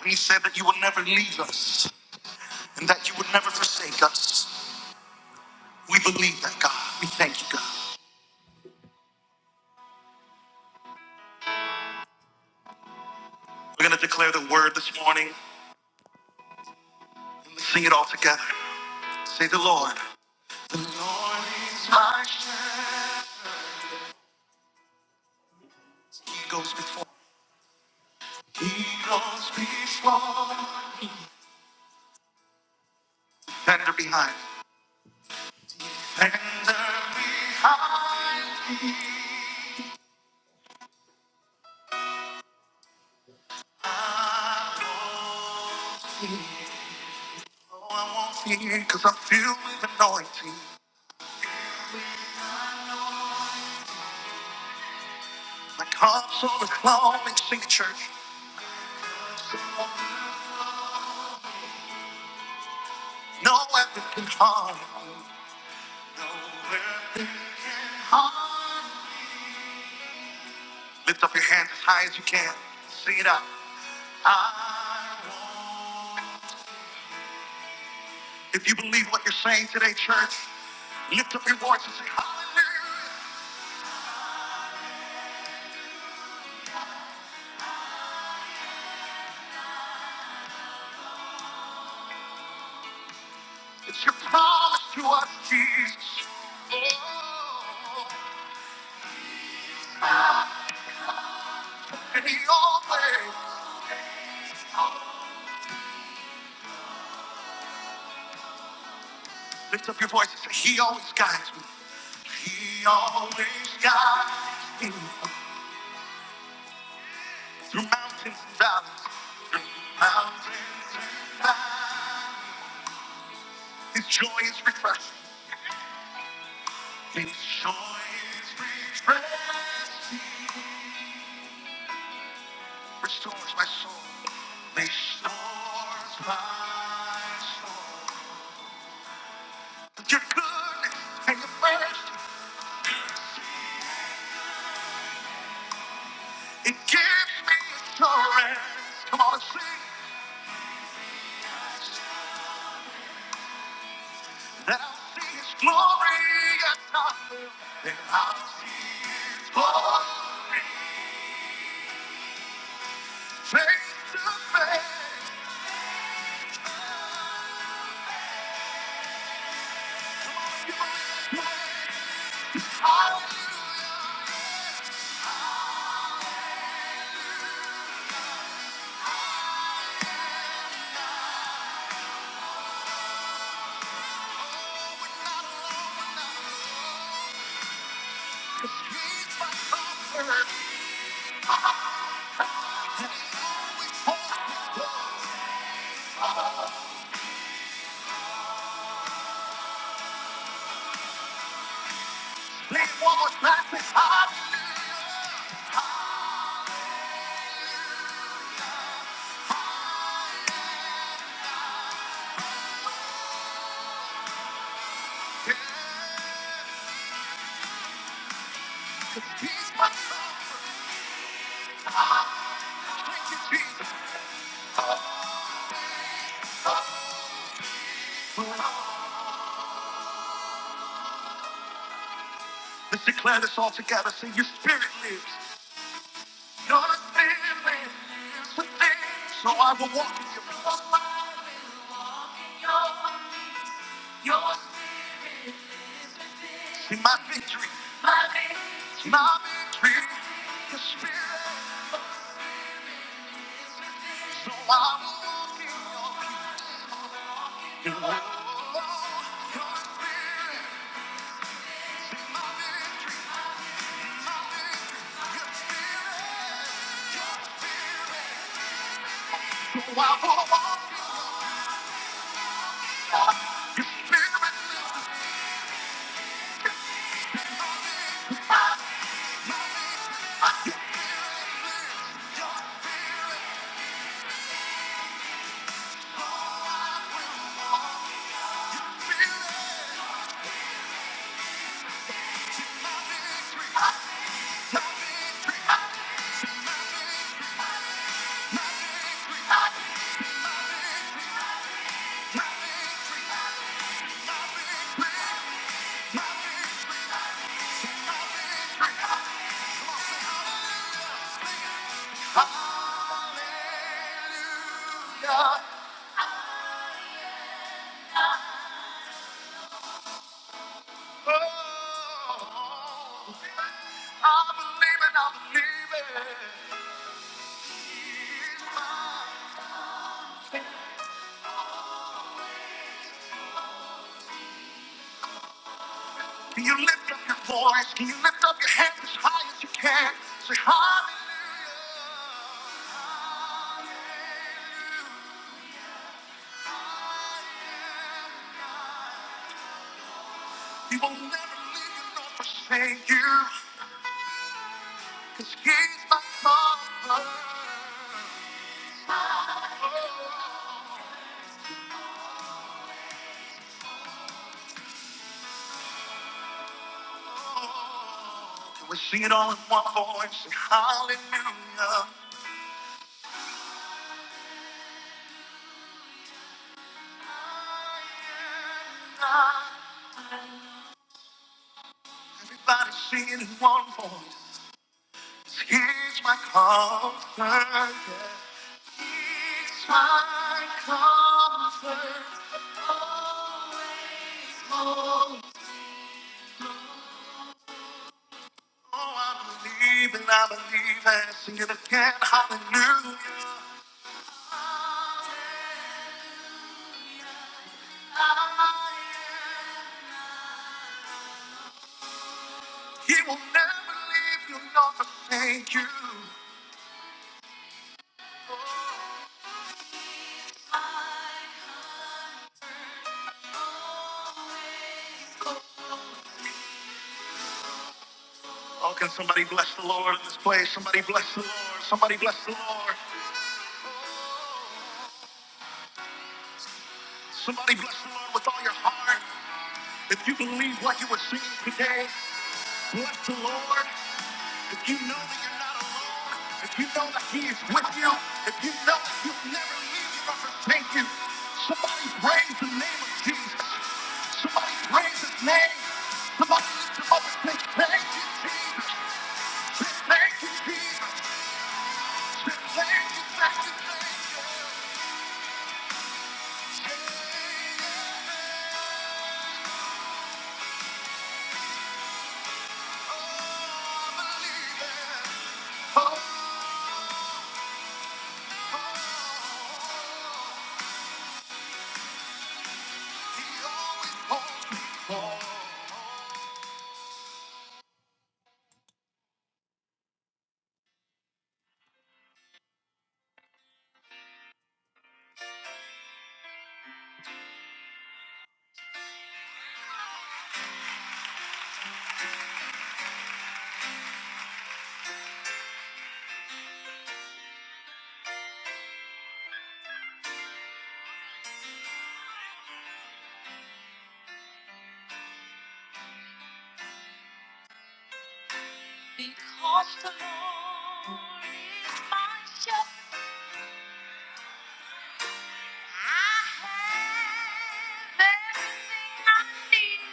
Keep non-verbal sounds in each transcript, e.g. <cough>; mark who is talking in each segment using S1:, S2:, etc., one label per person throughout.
S1: When you said that you would never leave us and that you would never forsake us. We believe that, God. We thank you, God. We're going to declare the word this morning. and Let's sing it all together. Say the Lord. The Lord is my shepherd. He goes before. He goes before. me. Tender behind. Tender behind me. I won't, oh, I won't fear because I'm filled with anointing. My cup's overflowing, sing it, church. No weapon can harm. No weapon can harm. Lift up your hands as high as you can. Sing it out. I won't. If you believe what you're saying today, church, lift up your voice and say, Hallelujah. It's your promise to us, Jesus. Oh, and he always Lift up your voice and say, He always guides me. He always guides me through mountains and valleys, through mountains and valleys. His joy is refreshing. His joy is refreshing. Restores my soul. Restores my soul. Your goodness and your mercy, it gives me assurance. Come on and sing. And I'll see his glory, yes, I will. And I'll see his glory, face to face. Hallelujah, 'cause he's my comfort. Oh, please, one more time, say hallelujah. Yeah, 'cause he's my comfort. Thank you, Jesus. Let's declare this all together. Say, your spirit lives. Your spirit lives within, so I will walk in your peace. my victory, my victory, your spirit, so I will walk in your peace. Your, spirit, is my victory, my victory, your spirit, so I will walk in your spirit lives within. Hallelujah. Oh, I believe it, I believe it. Can you lift up your voice? Can you lift up your hands as high as you can? Say hallelujah. He will never leave you nor forsake you. 'Cause he's my comfort. Can we sing it all in one voice? Hallelujah. Everybody sing it in one voice. 'Cause He's my comfort. yeah. He's my comfort. Always, always. Oh, I believe and I believe and sing it again. Hallelujah. He will never leave you nor forsake you. Oh, can somebody bless the Lord in this place? Somebody bless the Lord. Somebody bless the Lord. Somebody bless the Lord with all your heart. If you believe what you were singing today, Bless the Lord. If you know that you're not alone, if you know that He is with you, if you know that He'll never leave you or forsake you, somebody praise the name of Jesus. Somebody praise His name. Somebody lift Him up and say, Thank you, Jesus. Say, Thank you, Jesus. Say, Thank you, thank you, thank you. Say, I believe it. Oh. oh, oh. Because the Lord is my shepherd, I have everything I need.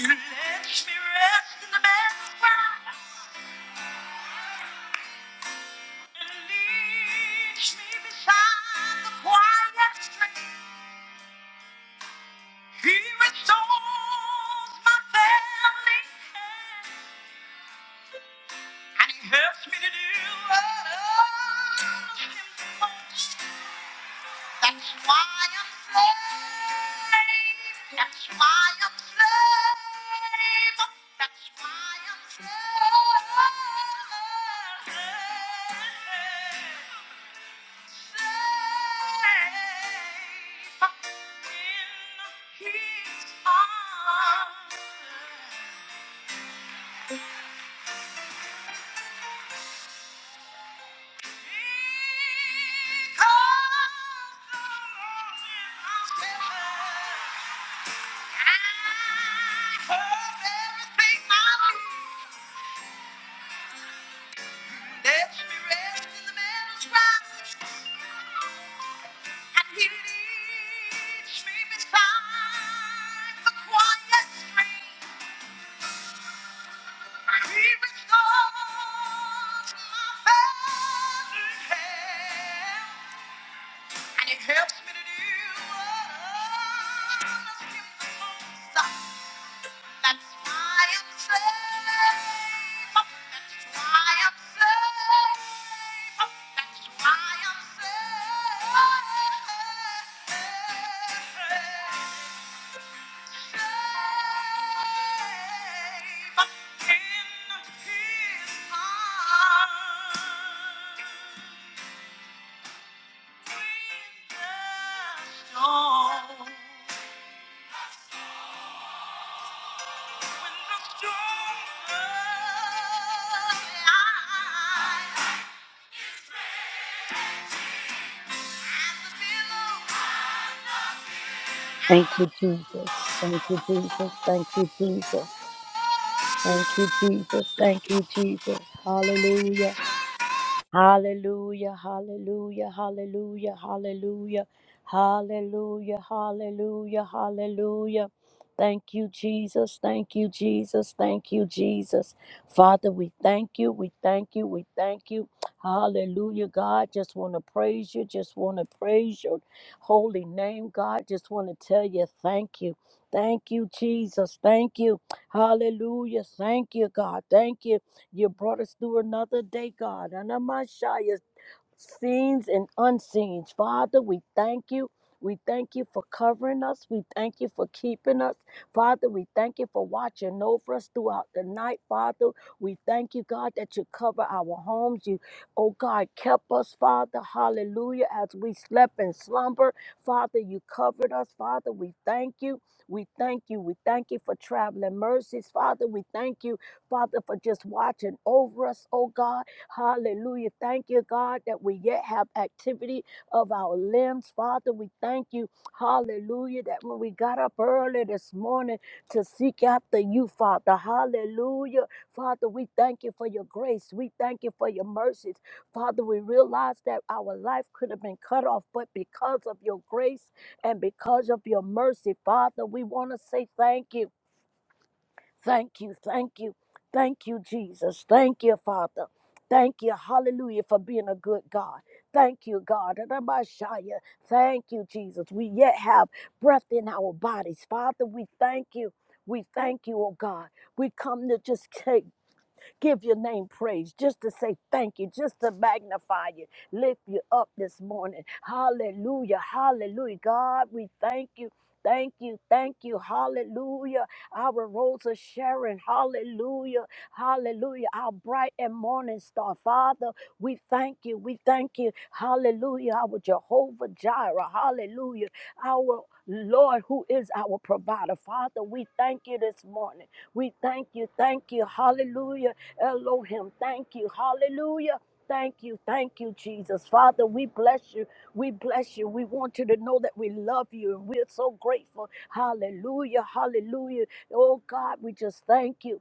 S1: He lets me rest in the meadows grass and leads me beside the quiet stream. He restores my family And he helps me to do what I can him most. That's why I'm saved. That's why I'm saved. That's why I'm saved. Saved in his arms. He restores my faith. And it helps me to do what others give the most. That's why I'm safe. That's why I'm safe. That's why I'm safe. Safe in His arms. When the storm comes, I'm ready. I'm the
S2: Thank you, Jesus. Thank you,
S1: pillow, I'm
S2: Jesus. Thank you, Jesus.
S1: the moon.
S2: Thank you, Jesus. Thank you, Jesus. Hallelujah. Hallelujah, hallelujah, hallelujah, hallelujah, hallelujah, hallelujah, hallelujah. Thank you, Jesus. Thank you, Jesus. Thank you, Jesus. Father, we thank you. We thank you. We thank you. Hallelujah, God. Just want to praise you. Just want to praise your holy name, God. Just want to tell you thank you. Thank you, Jesus. Thank you. Hallelujah. Thank you, God. Thank you. You brought us through another day, God. Anamashaya scenes and unseens. Father, we thank you. We thank you for covering us. We thank you for keeping us. Father, we thank you for watching over us throughout the night. Father, we thank you, God, that you cover our homes. You, oh God, kept us, Father. Hallelujah. As we slept in slumber, Father, you covered us. Father, we thank you. We thank you. We thank you for traveling mercies. Father, we thank you, Father, for just watching over us, oh God. Hallelujah. Thank you, God, that we yet have activity of our limbs. Father, we thank you. Hallelujah. That when we got up early this morning to seek after you, Father. Hallelujah. Father, we thank you for your grace. We thank you for your mercies. Father, we realize that our life could have been cut off, but because of your grace and because of your mercy, Father, we want to say thank you. Thank you, thank you, thank you, Jesus. Thank you, Father. Thank you, hallelujah, for being a good God. Thank you, God. Rabashaya. Thank you, Jesus. We yet have breath in our bodies, Father. We We We thank thank you. you, God. We come to just take give your name praise, just to say thank you, just to magnify you, lift you up this morning. Hallelujah, hallelujah. God, we thank you. Thank you, thank you, hallelujah. Our rose of Sharon, hallelujah, hallelujah. Our bright and morning star, Father, we thank you, we thank you, hallelujah. Our Jehovah Jireh, hallelujah. Our Lord, who is our provider, Father, we thank you this morning. We thank you, thank you, hallelujah Elohim, thank you. Hallelujah. Thank you. Thank you, Jesus. Father, we bless you. We bless you. We want you to know that we love you and we're so grateful. Hallelujah. Hallelujah. Oh, God, we just thank you.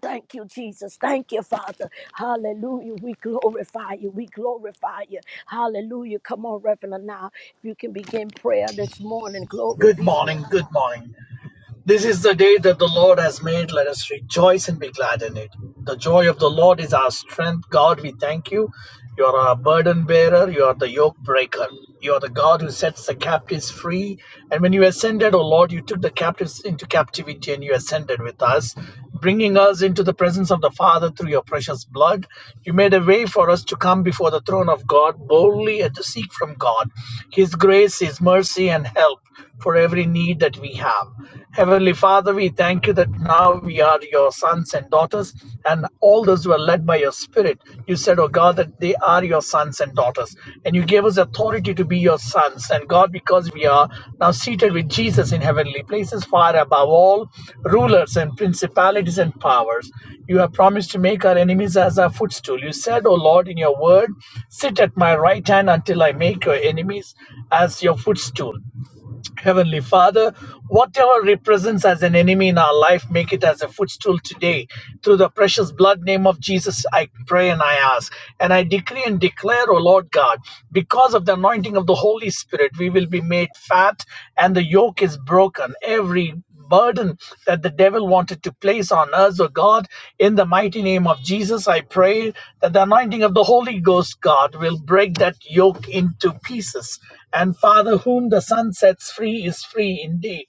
S2: Thank you, Jesus. Thank you, Father. Hallelujah. We glorify you. We glorify you. Hallelujah. Come on, Reverend. Now, if you can begin prayer this morning, glory
S3: Good
S2: be to God.
S3: morning, good morning. This is the day that the Lord has made. Let us rejoice and be glad in it. The joy of the Lord is our strength. God, we thank you. You are our burden bearer. You are the yoke breaker. You are the God who sets the captives free. And when you ascended, O Lord, you took the captives into captivity and you ascended with us, bringing us into the presence of the Father through your precious blood. You made a way for us to come before the throne of God boldly and to seek from God his grace, his mercy, and help for every need that we have. Heavenly Father, we thank you that now we are your sons and daughters, and all those who are led by your Spirit. You said, Oh God, that they are your sons and daughters, and you gave us authority to be your sons. And God, because we are now seated with Jesus in heavenly places, far above all rulers and principalities and powers, you have promised to make our enemies as our footstool. You said, O Lord, in your word, sit at my right hand until I make your enemies as your footstool. Heavenly Father, whatever represents as an enemy in our life, make it as a footstool today. Through the precious blood name of Jesus, I pray and I ask. And I decree and declare, O Lord God, because of the anointing of the Holy Spirit, we will be made fat and the yoke is broken. Every burden that the devil wanted to place on us, oh God. In the mighty name of Jesus, I pray that the anointing of the Holy Ghost, God, will break that yoke into pieces. And Father, whom the Son sets free is free indeed.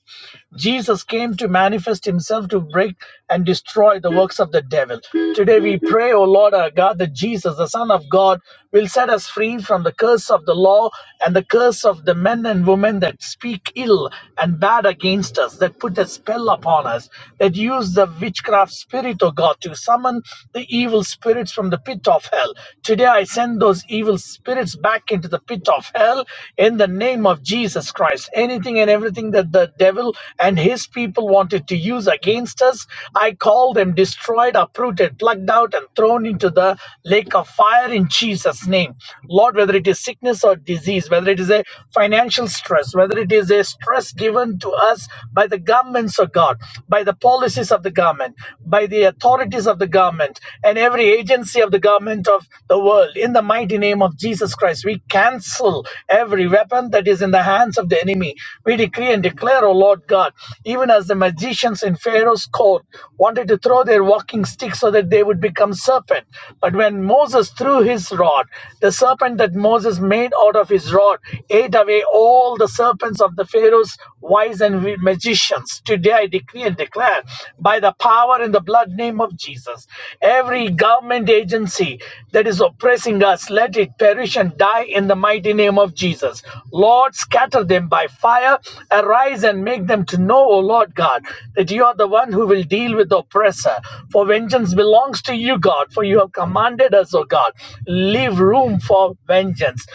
S3: Jesus came to manifest himself to break and destroy the works of the devil. Today we pray, O Lord our God, that Jesus, the Son of God, will set us free from the curse of the law and the curse of the men and women that speak ill and bad against us, that put a spell upon us, that use the witchcraft spirit, O God, to summon the evil spirits from the pit of hell. Today I send those evil spirits back into the pit of hell in the name of Jesus Christ. Anything and everything everything that the devil and his people wanted to use against us, I call them destroyed, uprooted, plucked out, and thrown into the lake of fire in Jesus' name. Lord, whether it is sickness or disease, whether it is a financial stress, whether it is a stress given to us by the governments of God, by the policies of the government, by the authorities of the government, and every agency of the government of the world, in the mighty name of Jesus Christ, we cancel every weapon that is in the hands hands of the enemy. We decree and declare, O Lord God, even as the magicians in Pharaoh's court wanted to throw their walking sticks so that they would become serpent. But when Moses threw his rod, the serpent that Moses made out of his rod ate away all the serpents of the Pharaoh's wise and magicians. Today I decree and declare by the power in the blood name of Jesus, every government agency that is oppressing us, let it perish and die in the mighty name of Jesus vessels. Lord, scatter them by fire. Arise and make them to know, O Lord God, that you are the one who will deal with the oppressor. For vengeance belongs to you, God, for you have commanded us, O God. Leave room for vengeance.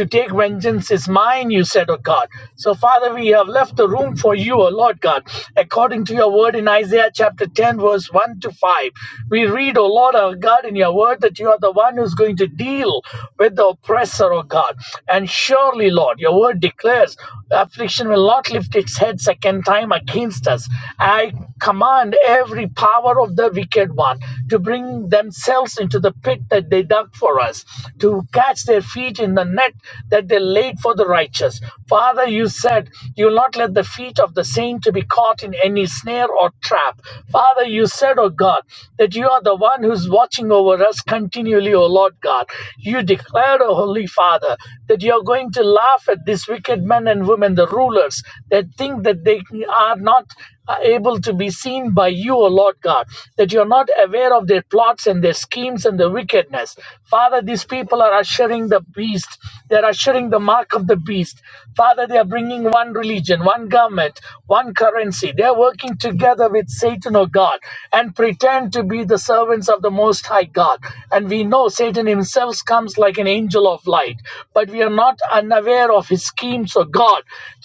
S3: To take vengeance is mine, you said, O God. So, Father, we have left the room for you, O Lord God, according to your word in Isaiah chapter 10, verse 1 to 5. We read, O Lord our God, in your word that you are the one who's going to deal with the oppressor, O O God. And surely, Lord, your word declares affliction will not lift its head second time against us. I command every power of the wicked one to bring themselves into the pit that they dug for us, to catch their feet in the net that they laid for the righteous. Father, you said you will not let the feet of the saint to be caught in any snare or trap. Father, you said, O God, that you are the one who's watching over us continually, O Lord God. You you declared, O Holy Father, that you're going to laugh at these wicked men and women, the rulers, that think that they are not uh, able to be seen by you, O Lord God, that you're not aware of their plots and their schemes and their wickedness. Father, these people are ushering the beast. They're ushering the mark of the beast. Father, they are bringing one religion, one government, one currency. They're working together with Satan, O God, and pretend to be the servants of the Most High God. And we know know Satan himself comes like an angel of light, but we are not unaware of his schemes of God.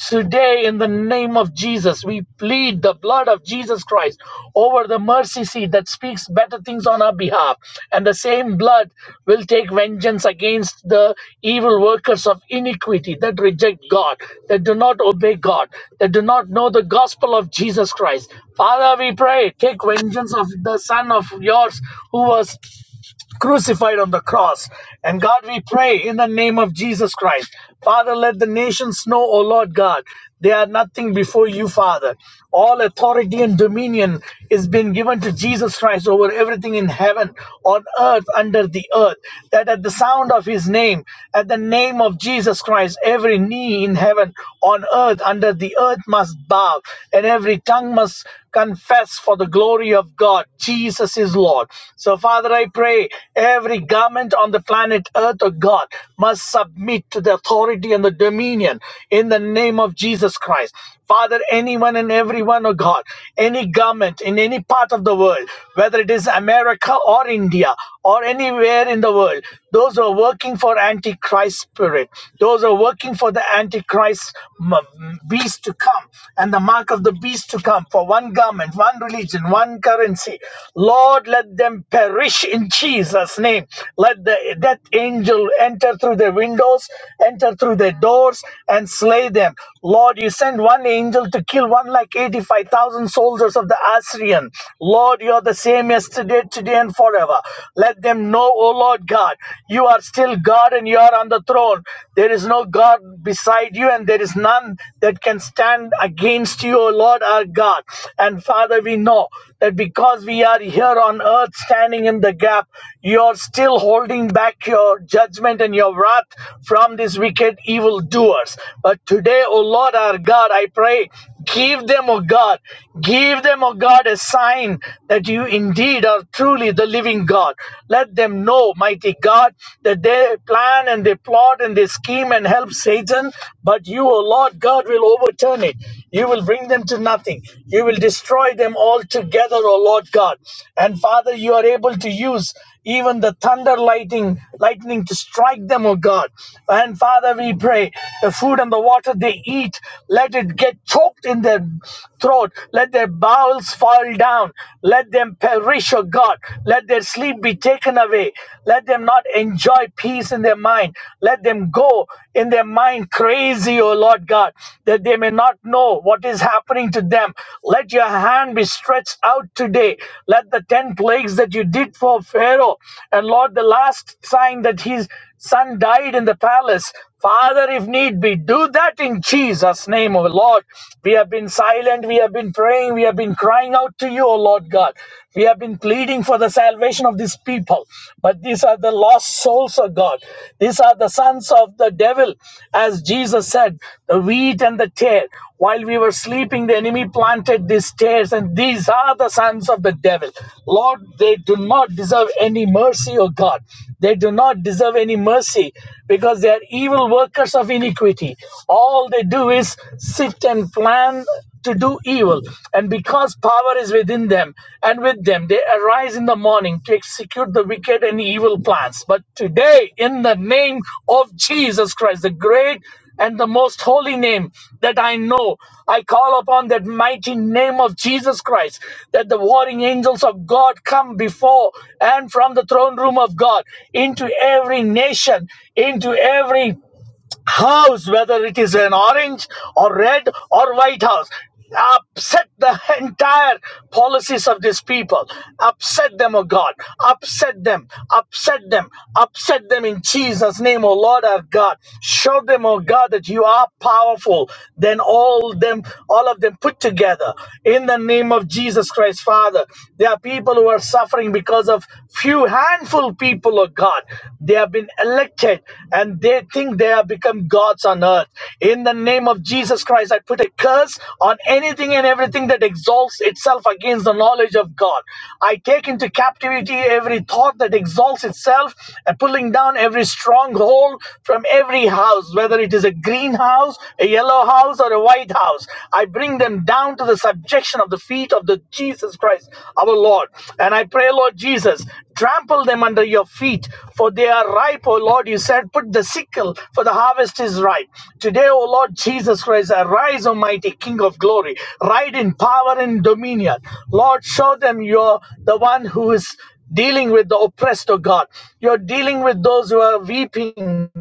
S3: Today, in the name of Jesus, we plead the blood of Jesus Christ over the mercy seat that speaks better things on our behalf. And the same blood will take vengeance against the evil workers of iniquity that reject God, that do not obey God, that do not know the gospel of Jesus Christ. Father, we pray, take vengeance of the son of yours who was crucified on the cross. And God, we pray in the name of Jesus Christ. Father, let the nations know, O Lord God, they are nothing before you, Father. All authority and dominion is been given to Jesus Christ over everything in heaven, on earth, under the earth. That at the sound of his name, at the name of Jesus Christ, every knee in heaven, on earth, under the earth must bow, and every tongue must confess for the glory of of God. Jesus is Lord. So, Father, I pray every government on the planet earth, oh God, must submit to the authority and the dominion in the name of Jesus Christ. Father, anyone and everyone, oh God, any government in any part of the world, whether it is America or India or anywhere in the world, those who are working for Antichrist spirit, those who are working for the Antichrist m- beast to come and the mark of the beast to come for one government, one religion, one currency. Lord, let them perish in Jesus' name. Let the death angel enter through their windows, enter through their doors, and slay them. Lord, you send one angel to kill one like 85,000 soldiers of the Assyrian. Lord, you are the same yesterday, today, and forever. Let them know, O Lord God, you are still God and you are on the throne. There is no God beside you, and there is none that can stand against you, O Lord our God. And Father, we know that because we are here on earth standing in the gap, you're still holding back your judgment and your wrath from these wicked evildoers. But today, O Lord our God, I pray Give them, O God, give them, O God, a sign that you indeed are truly the living God. Let them know, mighty God, that they plan and they plot and they scheme and help Satan, but you, O Lord God, will overturn it. You will bring them to nothing. You will destroy them altogether, O Lord God. And Father, you are able to use even the thunder lightning lightning to strike them, O God. And Father, we pray the food and the water they eat, let it get choked in their throat. Let their bowels fall down. Let them perish, O God. Let their sleep be taken away. Let them not enjoy peace in their mind. Let them go in their mind crazy, O Lord God, that they may not know what is happening to them. Let your hand be stretched out today. Let the 10 plagues that you did for Pharaoh and Lord, the last sign that his son died in the palace, Father, if need be, do that in Jesus' name, O Lord. We have been silent, we have been praying, we have been crying out to you, O Lord God. We have been pleading for the salvation of these people. But these are the lost souls O God. These are the sons of the devil, as Jesus said, the wheat and the tare. While we were sleeping, the enemy planted these tares, and these are the sons of the devil. Lord, they do not deserve any mercy, O God. They do not deserve any mercy because they are evil evil workers of iniquity. All they do is sit and plan to do evil. And because power is within them and with them, they arise in the morning to execute the wicked and evil plans. But today, in the name of Jesus Christ, the great and the most holy name that I know. I call upon that mighty name of Jesus Christ, that the warring angels of God come before and from the throne room of God into every nation, into every house, whether it is an orange or red or white house. Upset the entire policies of these people. Upset them, O God. Upset them. Upset them. Upset them in Jesus' name, O Lord our God. Show them, O God, that you are powerful than all them, all of them put together. In the name of Jesus Christ, Father. There are people who are suffering because of Few handful people are God. They have been elected and they think they have become gods on earth. In the name of Jesus Christ, I put a curse on anything and everything that exalts itself against the knowledge of God. I take into captivity every thought that exalts itself and pulling down every stronghold from every house, whether it is a green house, a yellow house, or a white house. I bring them them down to the subjection of the feet of the Jesus Christ, our Lord. And I pray, Lord Jesus, trample them under your feet, for they are ripe, O Lord. You said, put the sickle, for the harvest is ripe. Today, O Lord Jesus Christ, arise, Almighty King of glory, ride in power and dominion. Lord, show them you're the one who is dealing with the oppressed, O God. You're dealing with those who are weeping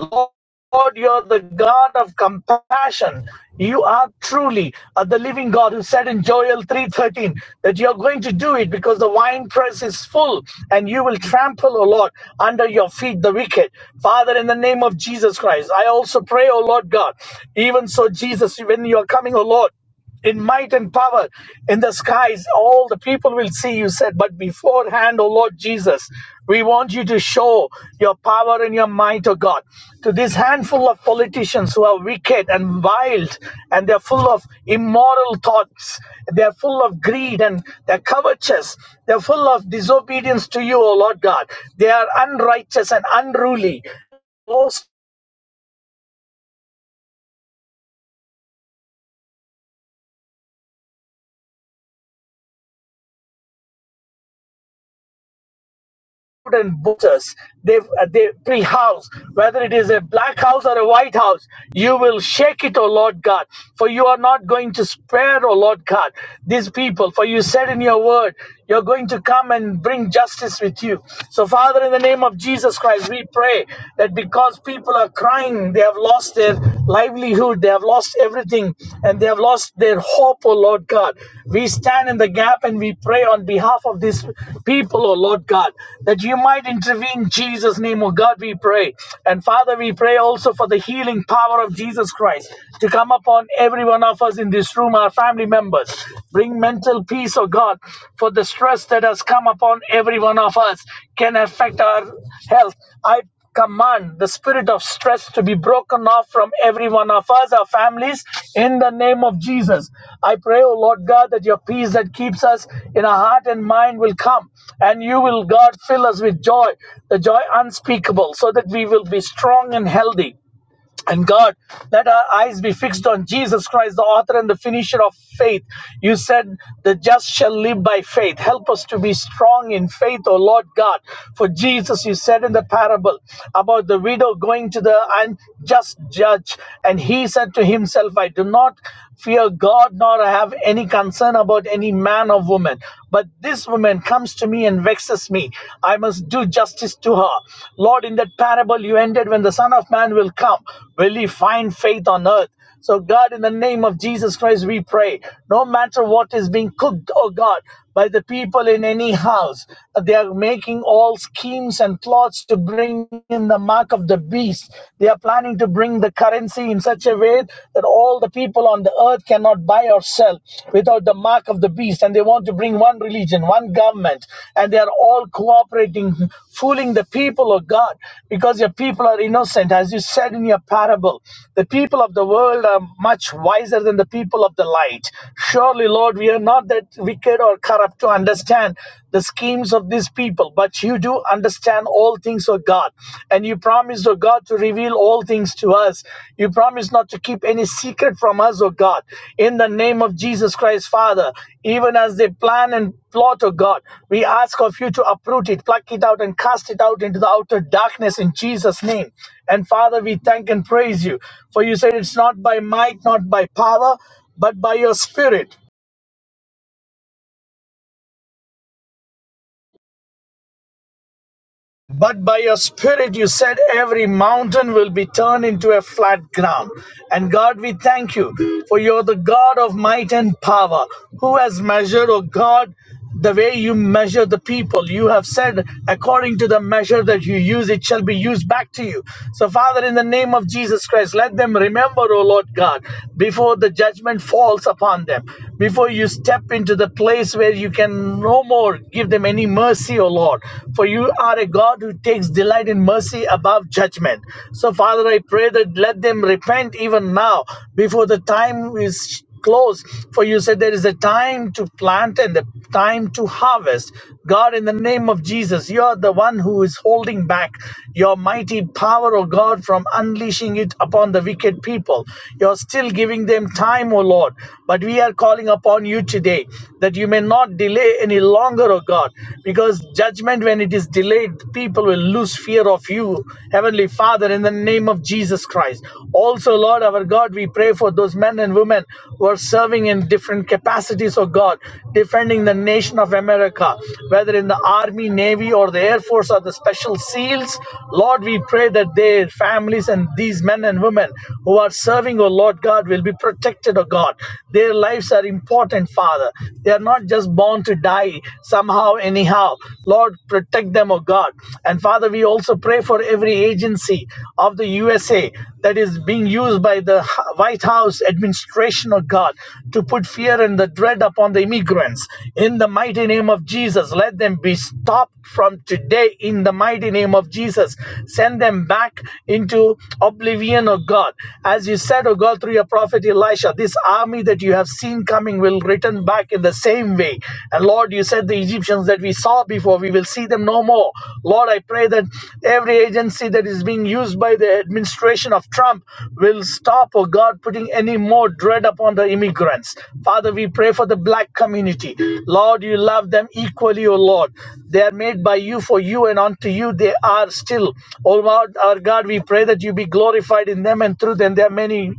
S3: Lord, you're the God of compassion. You are truly uh, the living God who said in Joel 3:13 that you're going to do it because the winepress is full and you will trample, O Lord, under your feet the wicked. Father, in the name of Jesus Christ, I also pray, O Lord God, even so, Jesus, when you are coming, O Lord in might and power in the skies all the people will see you said but beforehand o lord jesus we want you to show your power and your might o god to this handful of politicians who are wicked and wild and they're full of immoral thoughts they're full of greed and they're covetous they're full of disobedience to you o lord god they are unrighteous and unruly Those. and voters, they, uh, they every house, whether it is a black house or a white house, you will shake it, O Lord God, for you are not going to spare, O Lord God, these people. For you said in your word, you're going to come and bring justice with you. So, Father, in the name of Jesus Christ, we pray that because people are crying, they have lost their livelihood, they have. They have lost everything and they have lost their hope, oh Lord God. We stand in the gap and we pray on behalf of these people, oh Lord God, that you might intervene in Jesus' name, oh God, we pray. And Father, we pray also for the healing power of Jesus Christ to come upon every one of us in this room, our family members. Bring mental peace, oh God, for the stress that has come upon every one of us can affect our health. I command the spirit of stress to be broken off from every one of us, our families, in the name of Jesus. I pray, O Lord God, that your peace that keeps us in our heart and mind will come, and you will, God, fill us with joy, the joy unspeakable, so that we will be strong and healthy. And God, let our eyes be fixed on Jesus Christ, the author and the finisher of faith. You said the just shall live by faith. Help us to be strong in faith, O Lord God. For Jesus, you said in the parable about the widow going to the unjust judge, and he said to himself, I do not fear God nor have any concern about any man or woman. But this woman comes to me and vexes me. I must do justice to her. Lord, in that parable you ended when the Son of Man will come, will he find faith on earth? So, God, in the name of Jesus Christ, we pray. No matter what is being cooked, oh God, by the people in any house. They are making all schemes and plots to bring in the mark of the beast. They are planning to bring the currency in such a way that all the people on the earth cannot buy or sell without the mark of the beast. And they want to bring one religion, one government, and they are all cooperating, fooling the people of God because your people are innocent. As you said in your parable, the people of the world are much wiser than the people of the light. Surely, Lord, we are not the not that wicked or corrupt to understand the schemes of these people, but you do understand all things O God. And you promise, O God, to reveal all things to us. You promise not to keep any secret from us, O God. In the name of Jesus Christ, Father, even as they plan and plot, O God, we ask of you to uproot it, pluck it out, and cast it out into the outer darkness in Jesus' name. And Father, we thank and praise you. For you said it's not by might, not by power, but by your spirit. But by your spirit, you said every mountain will be turned into a flat ground. And God, we thank you for you're the God of might and power who has measured, oh God, the way you measure the people. You have said, according to the measure that you use, it shall be used back to you. So, Father, in the name of Jesus Christ, let them remember, O Lord God, before the judgment falls upon them, before you step into the place where you can no more give them any mercy, O Lord. Lord, for you are a God who takes delight in mercy above judgment. So, Father, I pray that let them repent even now before the time is close for you said there is a time to plant and a time to harvest god in the name of jesus you are the one who is holding back your mighty power o god from unleashing it upon the wicked people you're still giving them time o lord but we are calling upon you today that you may not delay any longer O of God. Because judgment, when it is delayed, people will lose fear of you, Heavenly Father, in the name of Jesus Christ. Also, Lord our God, we pray for those men and women who are serving in different capacities of God, defending the nation of America, whether in the Army, Navy, or the Air Force or the Special SEALs. Lord, we pray that their families and these men and women who are serving, O Lord God, will be protected, O God. Their lives are important, Father. They are not just just born to die somehow, anyhow. Lord, protect them, oh God. And Father, we also pray for every agency of the USA that is being used by the White House administration, oh God, to put fear and the dread upon the immigrants. In the mighty name of Jesus, let them be stopped from today. In the mighty name of Jesus, send them back into oblivion, oh God. As you said, oh God, through your prophet Elisha, this army that you have seen coming will returned back in the same way. And Lord, you said the Egyptians that we saw before, we will see them no more. Lord, I pray that every agency that is being used by the administration of Trump will stop, oh God, putting any more dread upon the immigrants. Father, we pray for the black community. Lord, you love them equally, oh Lord. They are made by you for you, and unto you they are still. O Lord our God, we pray that you be glorified in them and through them. There are many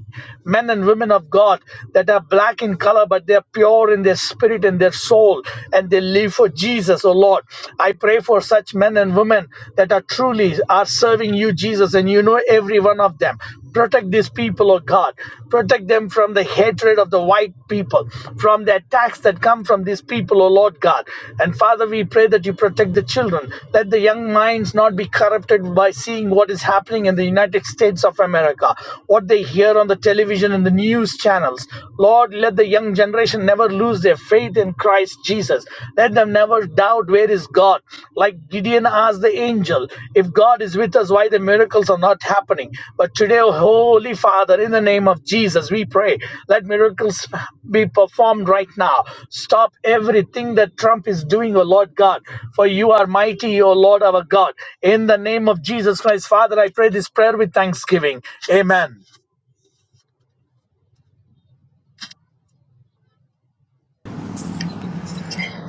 S3: men and women of God that are black in color, but they are pure in their spirit and their soul, and they live for Jesus, O Lord. I pray for such men and women that are truly are serving you, Jesus, and you know every one of them. Protect these people, O Lord God. Protect them from the hatred of the white people, from the attacks that come from these people, O Lord God. And Father, we pray that you protect the children. Let the young minds not be corrupted by seeing what is happening in the United States of America, what they hear on the television and the news channels. Lord, let the young generation never lose their faith in Christ Jesus. Let them never doubt doubt where is God. Like Gideon asked the angel, if God is with us, why the miracles are not happening? But today, oh Holy Father, in the name of Jesus, we pray, let miracles be performed right now. Stop everything that Trump is doing, O Lord God, for you are mighty, O Lord our God. In the name of Jesus Christ, Father, I pray this prayer with thanksgiving. Amen.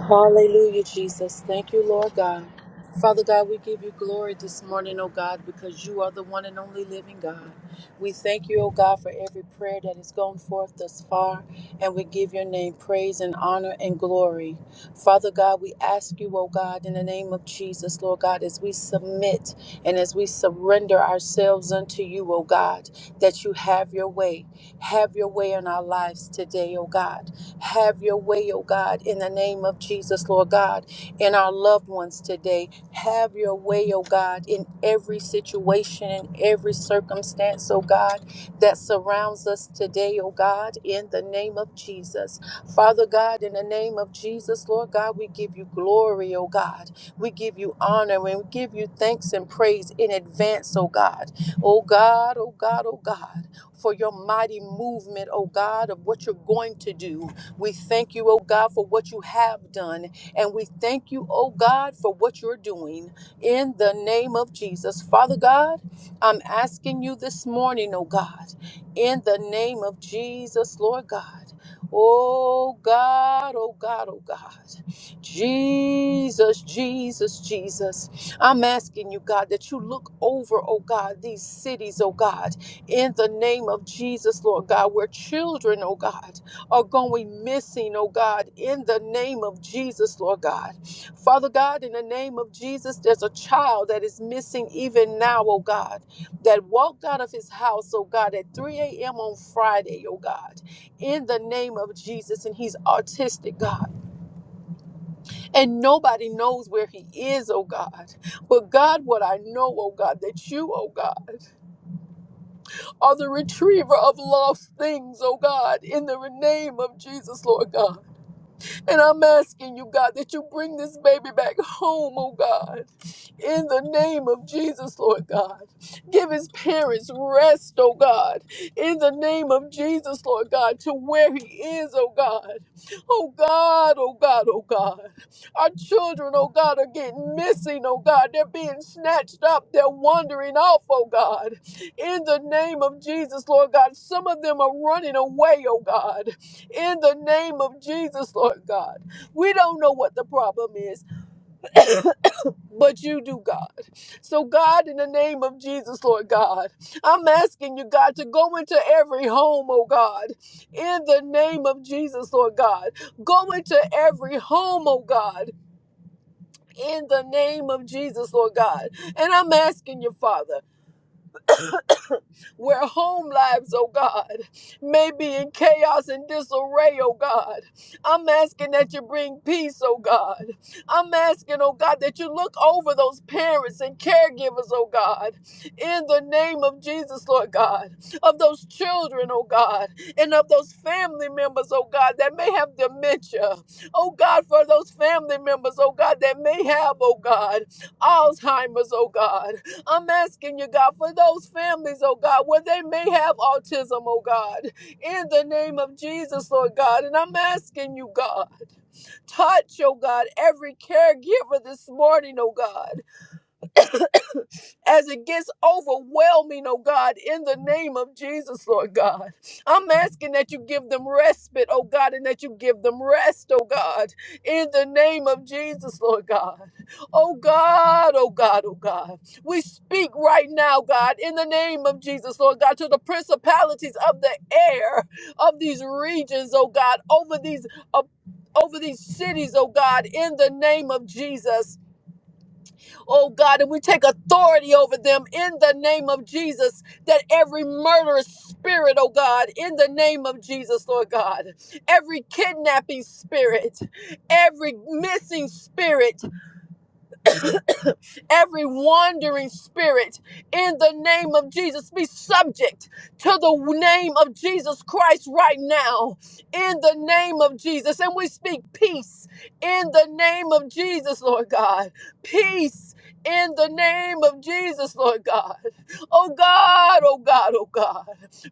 S4: Hallelujah, Jesus. Thank you, Lord God. Father God, we give you glory this morning, oh God, because you are the one and only living God. We thank you, oh God, for every prayer that has gone forth thus far, and we give your name praise and honor and glory. Father God, we ask you, oh God, in the name of Jesus, Lord God, as we submit and as we surrender ourselves unto you, oh God, that you have your way. Have your way in our lives today, oh God. Have your way, oh God, in the name of Jesus, Lord God, in our loved ones today. Have your way, oh God, in every situation, in every circumstance, oh God, that surrounds us today, oh God, in the name of Jesus. Father God, in the name of Jesus, Lord God, we give you glory, oh God. We give you honor and we give you thanks and praise in advance, oh God. Oh God, oh God, oh God for your mighty movement, oh God, of what you're going to do. We thank you, oh God, for what you have done. And we thank you, oh God, for what you're doing in the name of Jesus. Father God, I'm asking you this morning, oh God, in the name of Jesus, Lord God. Oh God, oh God, oh God. Jesus, Jesus, Jesus. I'm asking you, God, that you look over, oh God, these cities, oh God, in the name of Jesus, Lord God, where children, oh God, are going missing, oh God, in the name of Jesus, Lord God. Father God, in the name of Jesus, there's a child that is missing even now, oh God, that walked out of his house, oh God, at 3 a.m. on Friday, oh God, in the name of Jesus. And he's autistic, God. And nobody knows where he is, oh God. But God, what I know, oh God, that you, oh God, are the retriever of lost things, oh God, in the name of Jesus, Lord God. And I'm asking you, God, that you bring this baby back home, oh God. In the name of Jesus, Lord God. Give his parents rest, oh God. In the name of Jesus, Lord God, to where he is, oh God. Oh God, oh God, oh God. Our children, oh God, are getting missing, oh God. They're being snatched up. They're wandering off, oh God. In the name of Jesus, Lord God. Some of them are running away, oh God in the name of Jesus, Lord God. We don't know what the problem is, but you do, God. So, God, in the name of Jesus, Lord God, I'm asking you, God, to go into every home, oh God, in the name of Jesus, Lord God. Go into every home, oh God. In the name of Jesus, Lord God. And I'm asking you, Father. where home lives, oh God, may be in chaos and disarray, oh God. I'm asking that you bring peace, oh God. I'm asking, oh God, that you look over those parents and caregivers, oh God, in the name of Jesus, Lord God, of those children, oh God, and of those family members, oh God, that may have dementia. Oh God, for those family members, oh God, that may have, oh God, Alzheimer's, oh God. I'm asking you, God, for those families, oh God, where they may have autism, oh God, in the name of Jesus, Lord God. And I'm asking you, God, touch, oh God, every caregiver this morning, oh God as it gets overwhelming, oh God, in the name of Jesus, Lord God. I'm asking that you give them respite, oh God, and that you give them rest, oh God, in the name of Jesus, Lord God. Oh God, oh God, oh God. We speak right now, God, in the name of Jesus, Lord God, to the principalities of the air of these regions, oh God, over these. Uh, over these cities, oh God, in the name of Jesus oh God, and we take authority over them in the name of Jesus. That every murderous spirit, oh God, in the name of Jesus, Lord God, every kidnapping spirit, every missing spirit, every wandering spirit in the name of Jesus be subject to the name of Jesus Christ right now in the name of Jesus. And we speak peace in the name of Jesus, Lord God. Peace in the name of Jesus, Lord God. Oh God, oh God, oh God.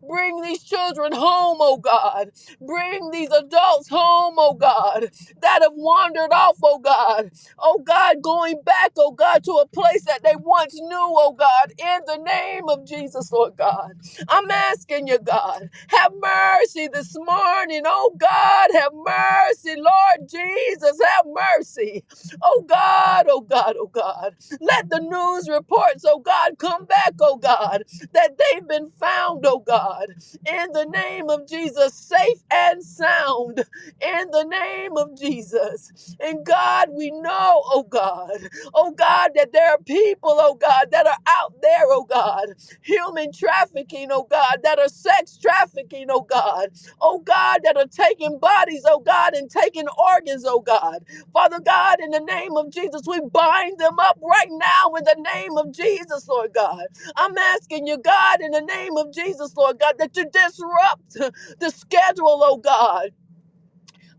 S4: Bring these children home, oh God. Bring these adults home, oh God, that have wandered off, oh God oh God, going back, oh God, to a place that they once knew, oh God, in the name of Jesus, Lord God. I'm asking you, God, have mercy this morning, oh God, have mercy, Lord Jesus, have mercy, oh God, oh God, oh God. Let the news reports, oh God, come back, oh God, that they've been found, oh God, in the name of Jesus, safe and sound in the name of Jesus. And God, we know, oh God, oh God, that there are people, oh God, that are out there, oh God, human trafficking, oh God, that are sex trafficking, oh God, oh God, that are taking bodies, oh God, and taking organs, oh God. Father God, in the name of Jesus, we bind them up right now in the name of Jesus, Lord God. I'm asking you, God, in the name of Jesus, Lord God, that you disrupt the schedule, oh God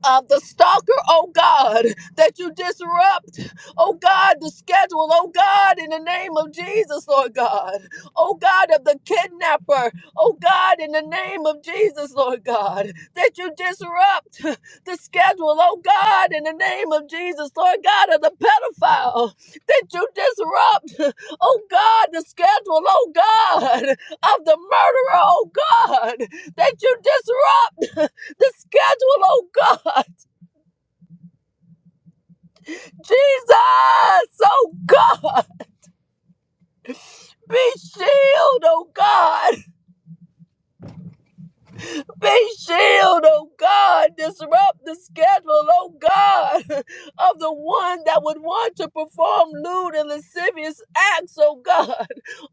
S4: uh, the stalker, oh God, that you disrupt, oh God, the schedule, oh God, in the name of Jesus, Lord God, oh God of the kidnapper, oh God, in the name of Jesus, Lord God, that you disrupt <laughs> the schedule, oh God, in the name of Jesus, Lord God of the pedophile, that you disrupt, <laughs> oh God, the schedule, oh God, of the murderer, oh God, that you disrupt. <laughs> the schedule, oh God. Jesus, oh God. Be shield, oh God. Be shield, oh God. Disrupt the schedule, oh God, of the one that would want to perform lewd and lascivious acts, oh God.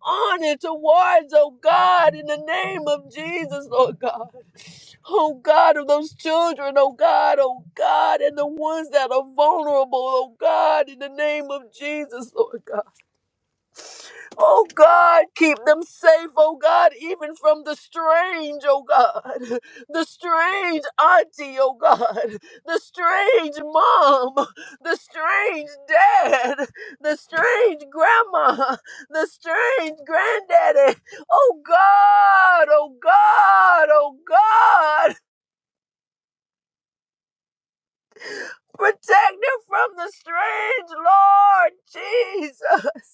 S4: On and towards, oh God, in the name of Jesus, Lord God. Oh God, of those children, oh God, oh God, and the ones that are vulnerable, oh God, in the name of Jesus, Lord God. Oh God, keep them safe, oh God, even from the strange, oh God, the strange auntie, oh God, the strange mom, the strange dad, the strange grandma, the strange granddaddy. Oh God, oh God, oh God, protect them from the strange Lord Jesus.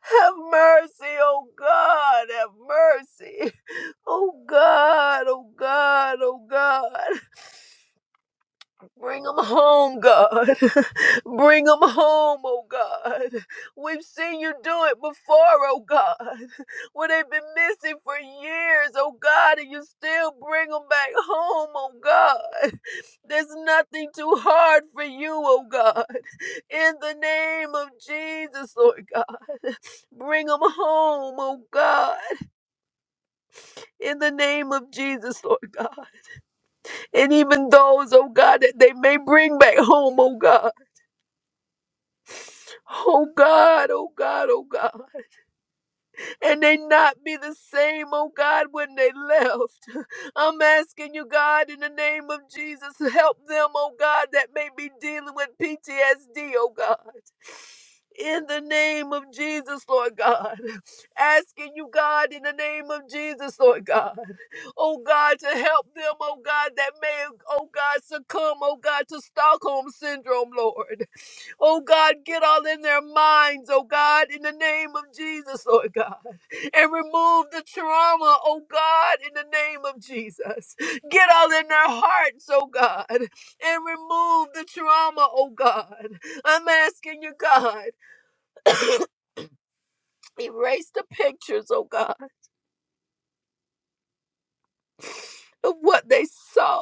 S4: Have mercy, oh God, have mercy. Oh God, oh God, oh God. Bring them home, God. <laughs> Bring them home, oh God. We've seen you do it before, oh God. <laughs> Where they've been missing for years, oh God, and you still bring them back home, oh God. <laughs> There's nothing too hard for you, oh God. <laughs> In the name of Jesus, Lord God. <laughs> Bring them home, oh God. In the name of Jesus, Lord God. And even those, oh God, that they may bring back home, oh God. Oh God, oh God, oh God. And they not be the same, oh God, when they left. <laughs> I'm asking you, God, in the name of Jesus, help them, oh God, that may be dealing with PTSD, oh God. In the name of Jesus, Lord God. Asking you, God, in the name of Jesus, Lord God. Oh God, to help them, oh God, that may, oh God, succumb, oh God, to Stockholm Syndrome, Lord. Oh God, get all in their minds, oh God, in the name of Jesus, Lord God. And remove the trauma, oh God, in the name of Jesus. Get all in their hearts, oh God. And remove the trauma, oh God. I'm asking you, God, erase the pictures, oh God, of what they saw.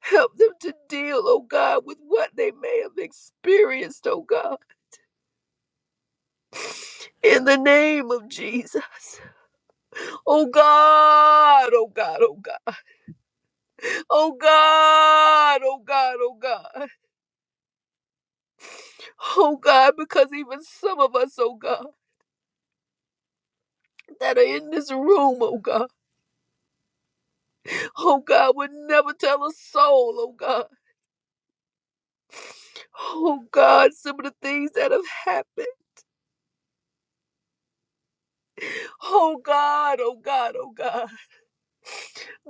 S4: Help them to deal, oh God, with what they may have experienced, oh God. In the name of Jesus. Oh God, oh God, oh God, oh God, oh God, oh God, oh God, because even some of us, oh God, that are in this room, oh God, oh God, would never tell a soul, oh God, oh God, some of the things that have happened, oh God, oh God, oh God,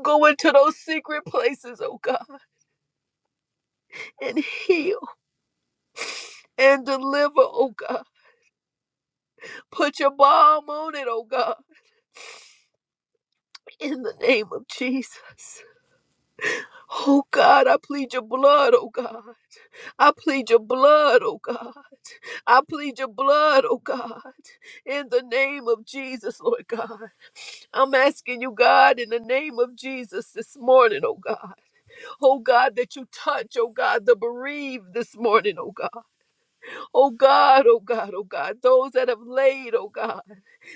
S4: go into those secret places, oh God, and heal and deliver, oh God, put your balm on it, oh God, in the name of Jesus. Oh God, I plead your blood, oh God. I plead your blood, oh God. I plead your blood, oh God. In the name of Jesus, Lord God. I'm asking you, God, in the name of Jesus this morning, oh God. Oh God, that you touch, oh God, the bereaved this morning, oh God. Oh God, oh God, oh God. Those that have laid, oh God,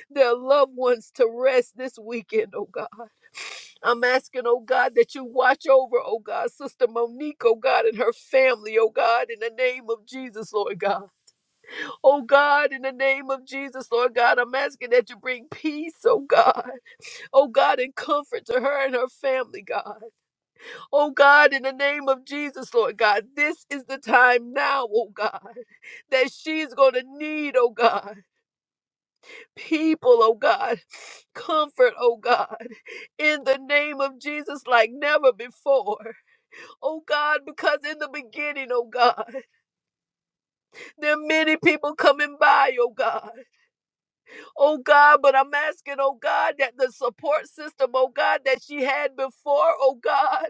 S4: their loved ones to rest this weekend, oh God. I'm asking, oh God, that you watch over, oh God, Sister Monique, oh God, and her family, oh God, in the name of Jesus, Lord God. Oh God, in the name of Jesus, Lord God, I'm asking that you bring peace, oh God. Oh God, and comfort to her and her family, God. Oh God, in the name of Jesus, Lord God, this is the time now, oh God, that she's going to need, oh God, people, oh God, comfort, oh God, in the name of Jesus like never before. oh God, because in the beginning, oh God, there are many people coming by, oh God. Oh God, but I'm asking, oh God, that the support system, oh God, that she had before, oh God,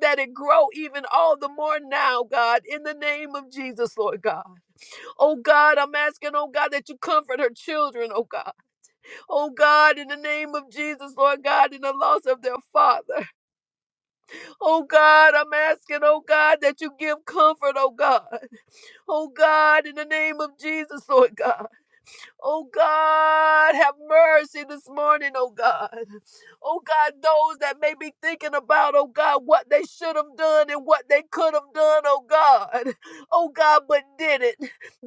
S4: that it grow even all the more now, God, in the name of Jesus, Lord God. Oh God, I'm asking, oh God, that you comfort her children, oh God. Oh God, in the name of Jesus, Lord God, in the loss of their father. Oh God, I'm asking, oh God, that you give comfort, oh God. Oh God, in the name of Jesus, Lord God. Oh God, have mercy this morning, oh God. Oh God, those that may be thinking about, oh God, what they should have done and what they could have done, oh God. Oh God, but did it.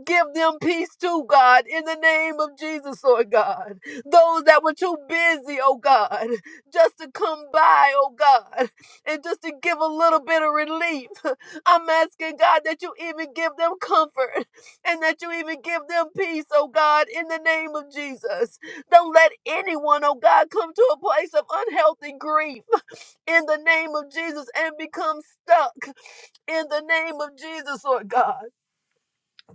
S4: Give them peace too, God, in the name of Jesus, Lord God. Those that were too busy, oh God, just to come by, oh God, and just to give a little bit of relief. I'm asking God that you even give them comfort and that you even give them peace, oh God, in the name of Jesus. Don't let anyone, oh God, come to a place of unhealthy grief in the name of Jesus and become stuck in the name of Jesus, Lord God.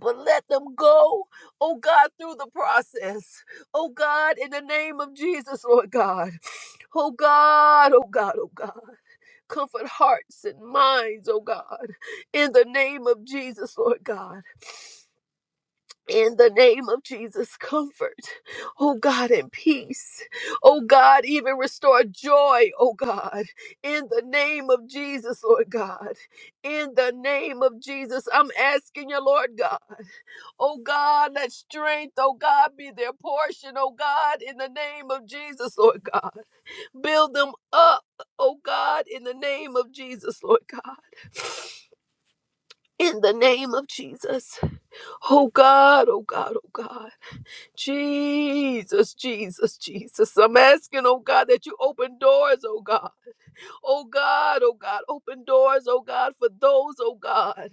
S4: But let them go, oh God, through the process. Oh God, in the name of Jesus, Lord God. Oh God, oh God, oh God. Comfort hearts and minds, oh God, in the name of Jesus, Lord God. in the name of Jesus, comfort, oh God, and peace, oh God, even restore joy, oh God, in the name of Jesus, Lord God, in the name of Jesus, I'm asking you, Lord God, oh God, let strength, oh God, be their portion, oh God, in the name of Jesus, Lord God, build them up, oh God, in the name of Jesus, Lord God, in the name of Jesus, oh God, oh God, oh God. Jesus, Jesus, Jesus. I'm asking, oh God, that you open doors, oh God. Oh God, oh God, open doors, oh God, for those, oh God,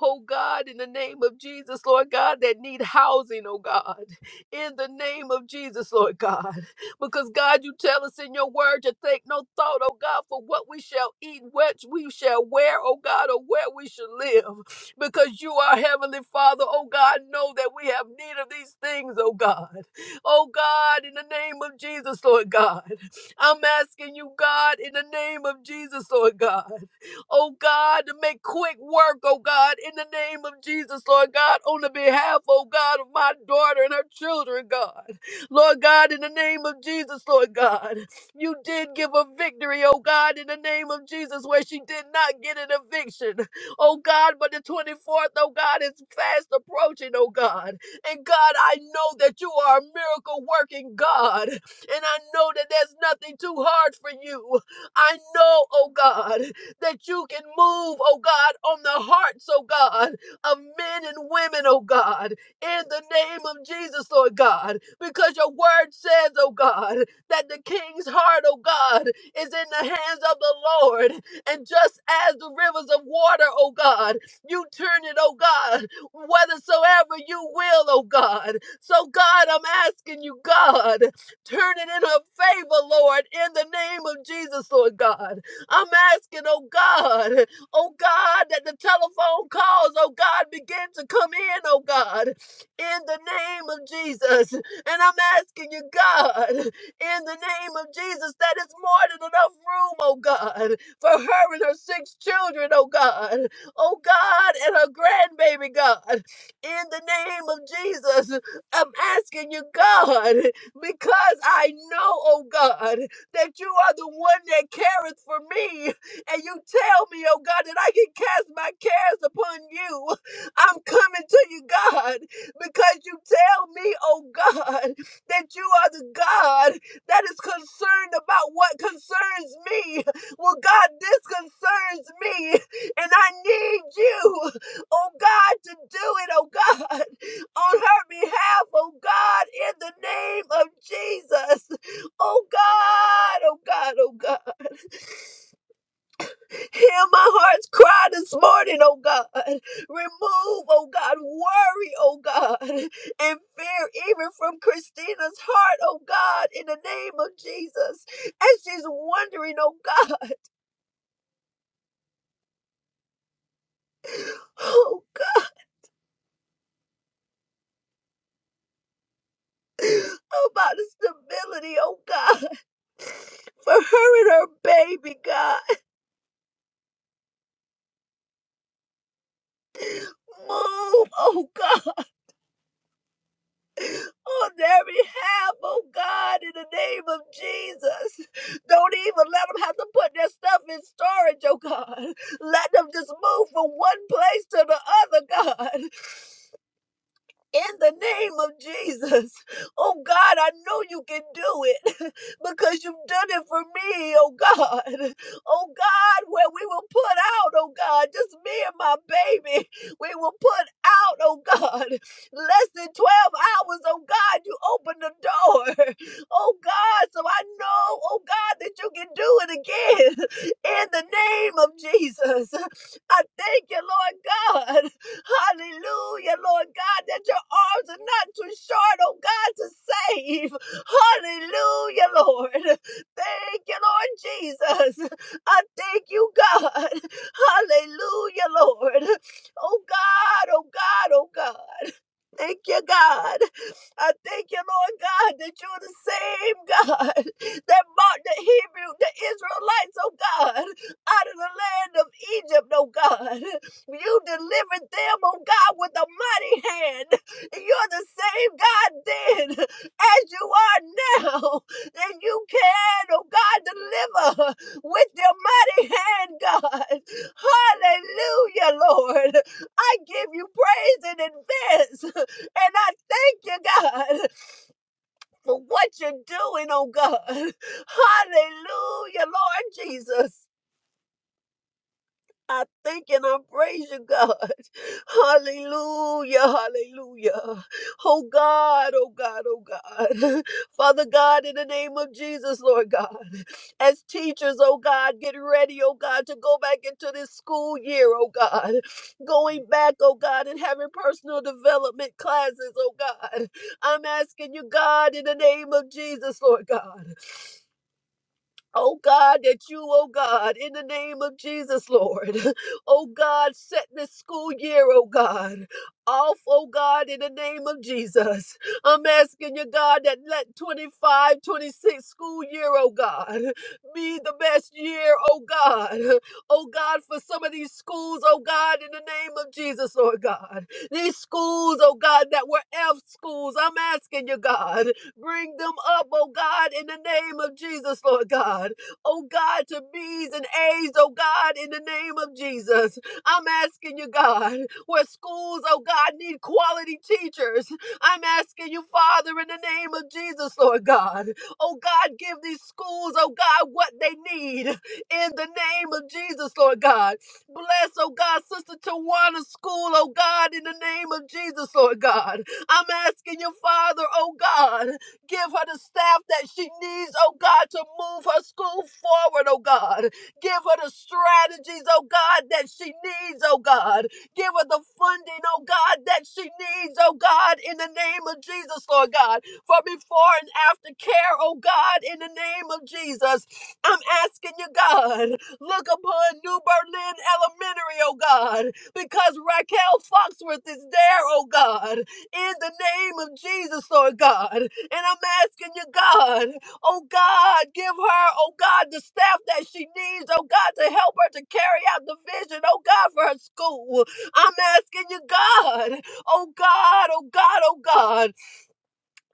S4: oh God, in the name of Jesus, Lord God, that need housing, oh God, in the name of Jesus, Lord God, because God, you tell us in your word to take no thought, oh God, for what we shall eat, what we shall wear, oh God, or where we shall live, because you are Heavenly Father, oh God, know that we have need of these things, oh God. Oh God, in the name of Jesus, Lord God. I'm asking you, God, in the name of Jesus, Lord God. Oh God, to make quick work, oh God, in the name of Jesus, Lord God, on the behalf, oh God, of my daughter and her children, God. Lord God, in the name of Jesus, Lord God. You did give a victory, oh God, in the name of Jesus, where she did not get an eviction. Oh God, but the 24th, oh God, is fast approaching, oh God. And God, I know that you are a miracle working God. And I know that there's nothing too hard for you. I know, oh God, that you can move, oh God, on the hearts, oh God, of men and women, oh God, in the name of Jesus, Lord God, because your word says, oh God, that the king's heart, oh God, is in the hands of the Lord. And just as the rivers of water, oh God, you turn it, oh God, whethersoever you will, oh God. So, God, I'm asking you, God, Turn it in her favor, Lord, in the name of Jesus, Lord God. I'm asking, oh God, oh God, that the telephone calls, oh God, begin to come in, oh God, in the name of Jesus. And I'm asking you, God, in the name of Jesus, that it's more than enough room, oh God, for her and her six children, oh God, oh God, and her grandbaby, God, in the name of Jesus. I'm asking you, God, because I know, oh God, that you are the one that careth for me. And you tell me, oh God, that I can cast my cares upon you. I'm coming to you, God, because you tell me, oh God, that you are the God that is concerned about what concerns me. Well, God, this concerns me, and I need you, oh God, to do it, oh God on her behalf, oh God, in the name of Jesus. Oh God, oh God, oh God. Hear my heart's cry this morning, oh God. Remove, oh God, worry, oh God, and fear even from Christina's heart, oh God, in the name of Jesus. And she's wondering, oh God, oh God, about the stability, oh God, for her and her baby, God. Move, oh God. on their behalf, oh God, in the name of Jesus. Don't even let them have to put their stuff in storage, oh God. Let them just move from one place to the other, God in the name of Jesus. Oh God, I know you can do it <laughs> because you've done it for me, oh God. Oh God, where we will put out, oh God, just me and my baby, we will put out, oh God, less than 12 hours, oh God, you open the door, <laughs> oh God. So I know, oh God, that you can do it again <laughs> in the name of Jesus. <laughs> I thank you, Lord God. Hallelujah, Lord God, that your arms are not too short, oh God, to save. Hallelujah, Lord. Thank you, Lord Jesus. I thank you, God. Hallelujah, Lord. Oh God, oh God, oh God. Thank you, God. I thank you, Lord God, that you're the same God <laughs> that brought the Hebrew, the Israelites, oh God, out of the land of Egypt, oh God. You delivered them, oh God, with a mighty hand. You're the same God then as you are now. And you can, oh God, deliver with your mighty hand, God. Hallelujah, Lord. I give you praise in advance <laughs> And I thank you, God, for what you're doing, oh God. <laughs> Hallelujah, Lord Jesus. I thank and I praise you, God. <laughs> Hallelujah, hallelujah. Oh God, oh God, oh God. <laughs> Father God, in the name of Jesus, Lord God, as teachers, oh God, get ready, oh God, to go back into this school year, oh God. Going back, oh God, and having personal development classes, oh God. I'm asking you, God, in the name of Jesus, Lord God. Oh God, that you, oh God, in the name of Jesus, Lord, <laughs> oh God, set this school year, oh God, off, oh God, in the name of Jesus. I'm asking you, God, that let 25, 26 school year, oh God, be the best year, oh God, <laughs> oh God, for some of these schools, oh God, in the name of Jesus, Lord God. These schools, oh God, that were F schools, I'm asking you, God, Bring them up, oh God, in the name of Jesus, Lord God. Oh God, to B's and A's, oh God, in the name of Jesus. I'm asking you, God, where schools, oh God, need quality teachers. I'm asking you, Father, in the name of Jesus, Lord God. Oh God, give these schools, oh God, what they need in the name of Jesus, Lord God. Bless, oh God, Sister Tawana's school, oh God, in the name of Jesus, Lord God. I'm asking you, Father, oh God, Give her the staff that she needs, oh God, to move her school forward, oh God. Give her the strategies, oh God, that she needs, oh God. Give her the funding, oh God, that she needs, oh God, in the name of Jesus, Lord God. For before and after care, oh God, in the name of Jesus. I'm asking you, God, look upon New Berlin Elementary, oh God, because Raquel Foxworth is there, oh God, in the name of Jesus, Lord God. And I'm asking you, God, oh God, give her, oh God, the staff that she needs, oh God, to help her to carry out the vision, oh God, for her school. I'm asking you, God, oh God, oh God, oh God.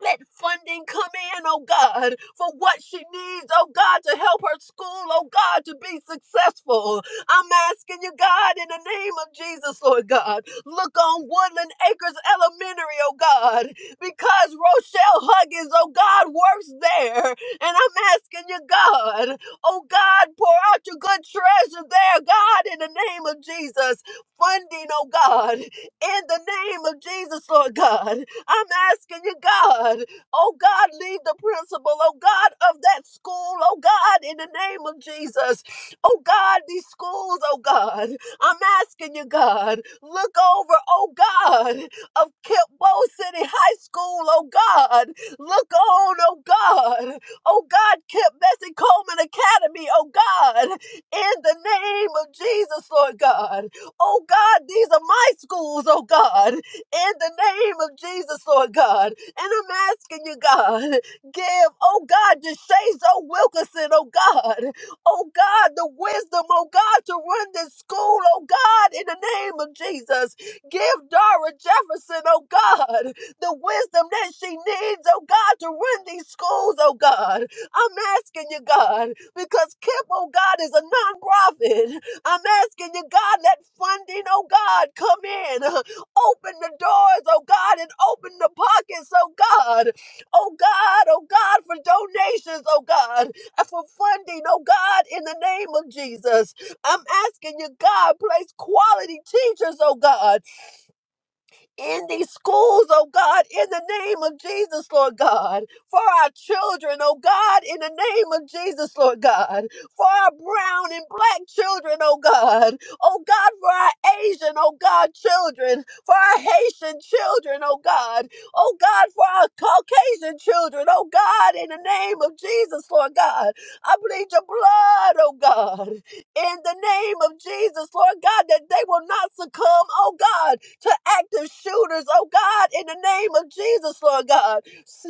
S4: Let funding come in, oh God, for what she needs, oh God, to help her school, oh God, to be successful. I'm asking you, God, in the name of Jesus, Lord God, look on Woodland Acres Elementary, oh God, because Rochelle Huggins, oh God, works there. And I'm asking you, God, oh God, pour out your good treasure there, God, in the name of Jesus. Funding, oh God, in the name of Jesus, Lord God. I'm asking you, God, oh God, leave the principal, oh God, of that school, oh God, in the name of Jesus, oh God, these schools, oh God, I'm asking you, God, look over, oh God, of Kimball City High School, oh God, look on, oh God, oh God, Kip Bessie Coleman Academy, oh God, in the name of Jesus, Lord God, oh God, these are my schools, oh God, in the name of Jesus, Lord God. And I'm asking you, God, give, oh God, DeShays O. Wilkinson, oh God, oh God, the wisdom, oh God, to run this school, oh God, in the name of Jesus. Give Dara Jefferson, oh God, the wisdom that she needs, oh God, to run these schools, oh God. I'm asking you, God, because KIPP, oh God, is a nonprofit. I'm asking you, God, let funding, oh God, come in. <laughs> Open the doors, oh God, and open the pockets, oh God. Oh God, oh God, for donations, oh God, and for funding, oh God, in the name of Jesus. I'm asking you, God, place quality teachers, oh God, in these schools, oh God, in the name of Jesus, Lord God, for our children, oh God, in the name of Jesus, Lord God, for our brown and black children, oh God, oh God, for our Asian, oh God, children, for our Haitian children, oh God, oh God, for our Caucasian children, oh God, in the name of Jesus, Lord God, I plead your blood, oh God, in the name of Jesus, Lord God, that they will not succumb, oh God, to active shooters, oh God, in the name of Jesus, Lord God. S-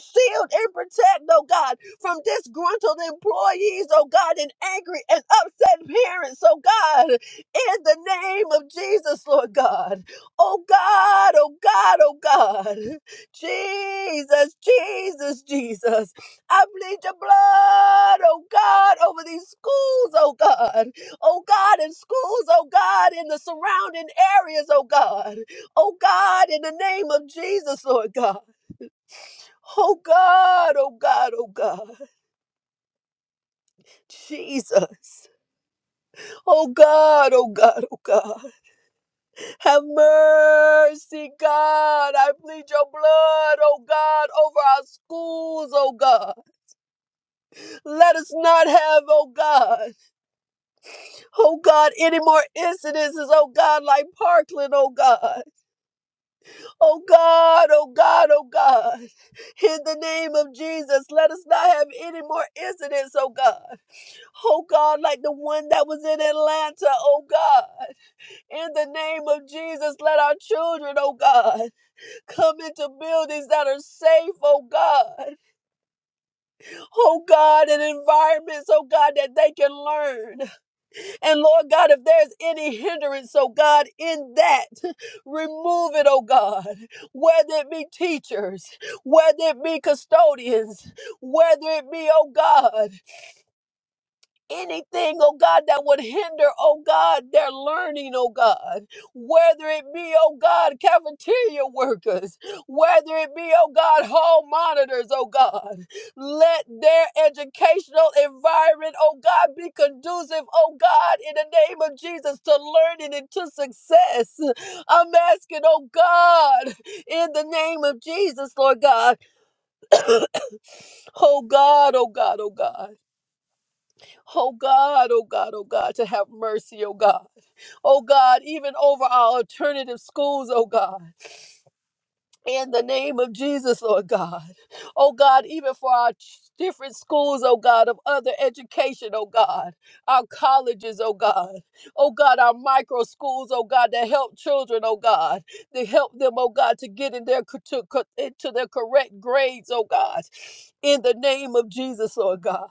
S4: Shield and protect, oh God, from disgruntled employees, oh God, and angry and upset parents, oh God, in the name of Jesus, Lord God. Oh God, oh God, oh God. Jesus, Jesus, Jesus. I bleed your blood, oh God, over these schools, oh God. Oh God, in schools, oh God, in the surrounding areas, oh God. Oh God, in the name of Jesus, Lord God. Oh God, oh God, oh God. Jesus. Oh God, oh God, oh God. Have mercy, God. I plead your blood, oh God, over our schools, oh God. Let us not have, oh God, oh God, any more incidences, oh God, like Parkland, oh God. Oh God, oh God, oh God. In the name of Jesus, let us not have any more incidents, oh God. Oh God, like the one that was in Atlanta, oh God. In the name of Jesus, let our children, oh God, come into buildings that are safe, oh God. Oh God, and environments, oh God, that they can learn. And Lord God, if there's any hindrance, oh God, in that, <laughs> remove it, oh God. Whether it be teachers, whether it be custodians, whether it be, oh God, anything, oh God, that would hinder, oh God, their learning, oh God, whether it be, oh God, cafeteria workers, whether it be, oh God, hall monitors, oh God, let their educational environment, oh God, be conducive, oh God, in the name of Jesus, to learning and to success. I'm asking, oh God, in the name of Jesus, Lord God, oh God, oh God, oh God. Oh God, oh God, oh God, to have mercy, oh God. Oh God, even over our alternative schools, oh God in the name of Jesus, Lord God. Oh God, even for our ch- different schools, oh God, of other education, oh God, our colleges, oh God, oh God, our micro schools, oh God, that help children, oh God, to help them, oh God, to get in their co- to, co- into their correct grades, oh God, in the name of Jesus, Lord God.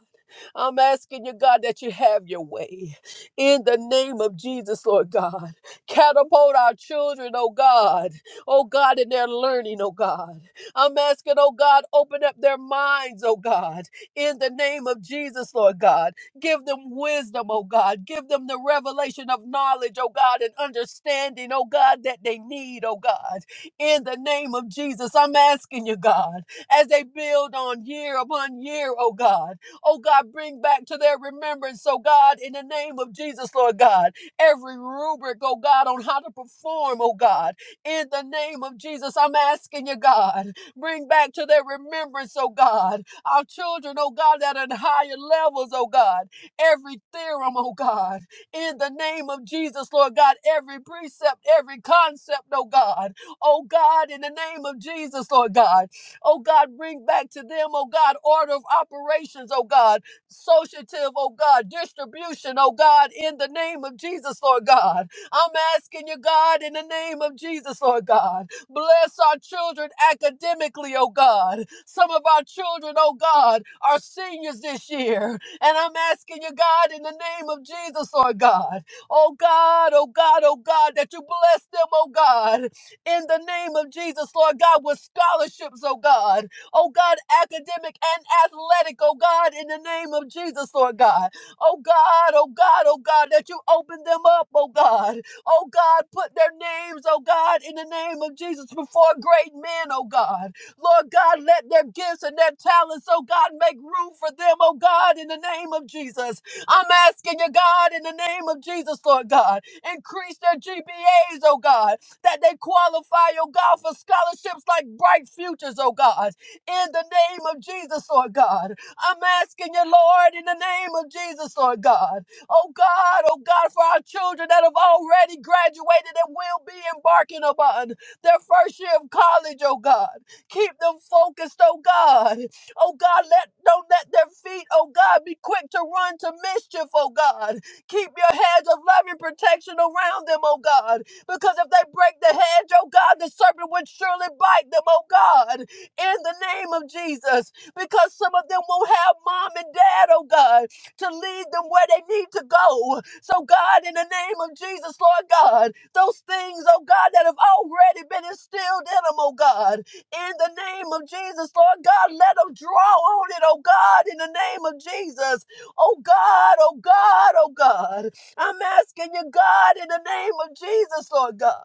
S4: I'm asking you, God, that you have your way in the name of Jesus, Lord God. Catapult our children, oh God, oh God, in their learning, oh God. I'm asking, oh God, open up their minds, oh God, in the name of Jesus, Lord God. Give them wisdom, oh God. Give them the revelation of knowledge, oh God, and understanding, oh God, that they need, oh God. In the name of Jesus, I'm asking you, God, as they build on year upon year, oh God. Oh God, bring back to their remembrance, oh God, in the name of Jesus, Lord God. Every rubric, oh God, on how to perform, oh God in the name of Jesus, I'm asking you, God, bring back to their remembrance, oh God, our children, oh God, that are in higher levels, oh God, every theorem, oh God, in the name of Jesus, Lord God, every precept, every concept, oh God, oh God, in the name of Jesus, Lord God, oh God, bring back to them, oh God, order of operations, oh God, associative, oh God, distribution, oh God, in the name of Jesus, Lord God. I'm asking you, God, in the name of Jesus, Lord God, bless our children academically, oh God. Some of our children, oh God, are seniors this year. And I'm asking you, God, in the name of Jesus, Lord God, oh God, oh God, oh God, that you bless them, oh God, in the name of Jesus, Lord God, with scholarships, oh God, oh God, academic and athletic, oh God, in the name of Jesus, Lord God, oh God, oh God, oh God, that you open them up, oh God, Oh God, put their names, oh God, in the name of Jesus before great men, oh God. Lord God, let their gifts and their talents, oh God, make room for them, oh God, in the name of Jesus. I'm asking you, God, in the name of Jesus, Lord God, increase their GPAs, oh God, that they qualify, oh God, for scholarships like Bright Futures, oh God, in the name of Jesus, Lord God. I'm asking you, Lord, in the name of Jesus, Lord God. Oh God, oh God, for our children that have already graduated and will be embarking upon their first year of college, oh God. Keep them focused, oh God. Oh God, let don't let their feet, oh God, be quick to run to mischief, oh God. Keep your hedge of loving protection around them, oh God. Because if they break the hedge, oh God, the serpent would surely bite them, oh God. In the name of Jesus. Because some of them will have mom and dad, oh God to lead them where they need to go. So, God, in the name of Jesus, Lord God, those things, oh God, that have already been instilled in them, oh God, in the name of Jesus, Lord God, let them draw on it, oh God, in the name of Jesus. Oh God, oh God, oh God. I'm asking you, God, in the name of Jesus, Lord God.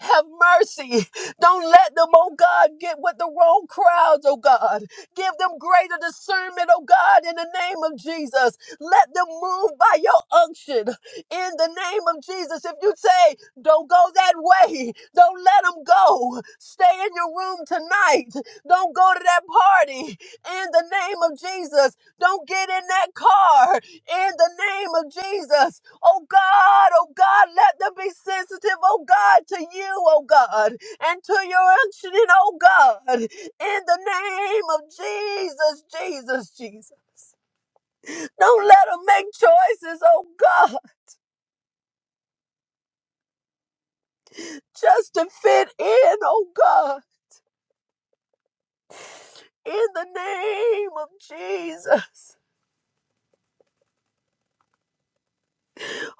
S4: Have mercy. Don't let them, oh God, get with the wrong crowds, oh God. Give them greater discernment, oh God, in the name of Jesus. Let them move by your unction in the name of Jesus. If you say, don't go that way, don't let them go. Stay in your room tonight. Don't go to that party in the name of Jesus. Don't get in that car in the name of Jesus. Oh God, oh God, let them be sensitive, oh God, to you, oh God, and to your incident, oh God, in the name of Jesus, Jesus, Jesus. Don't let them make choices, oh God, just to fit in, oh God, in the name of Jesus.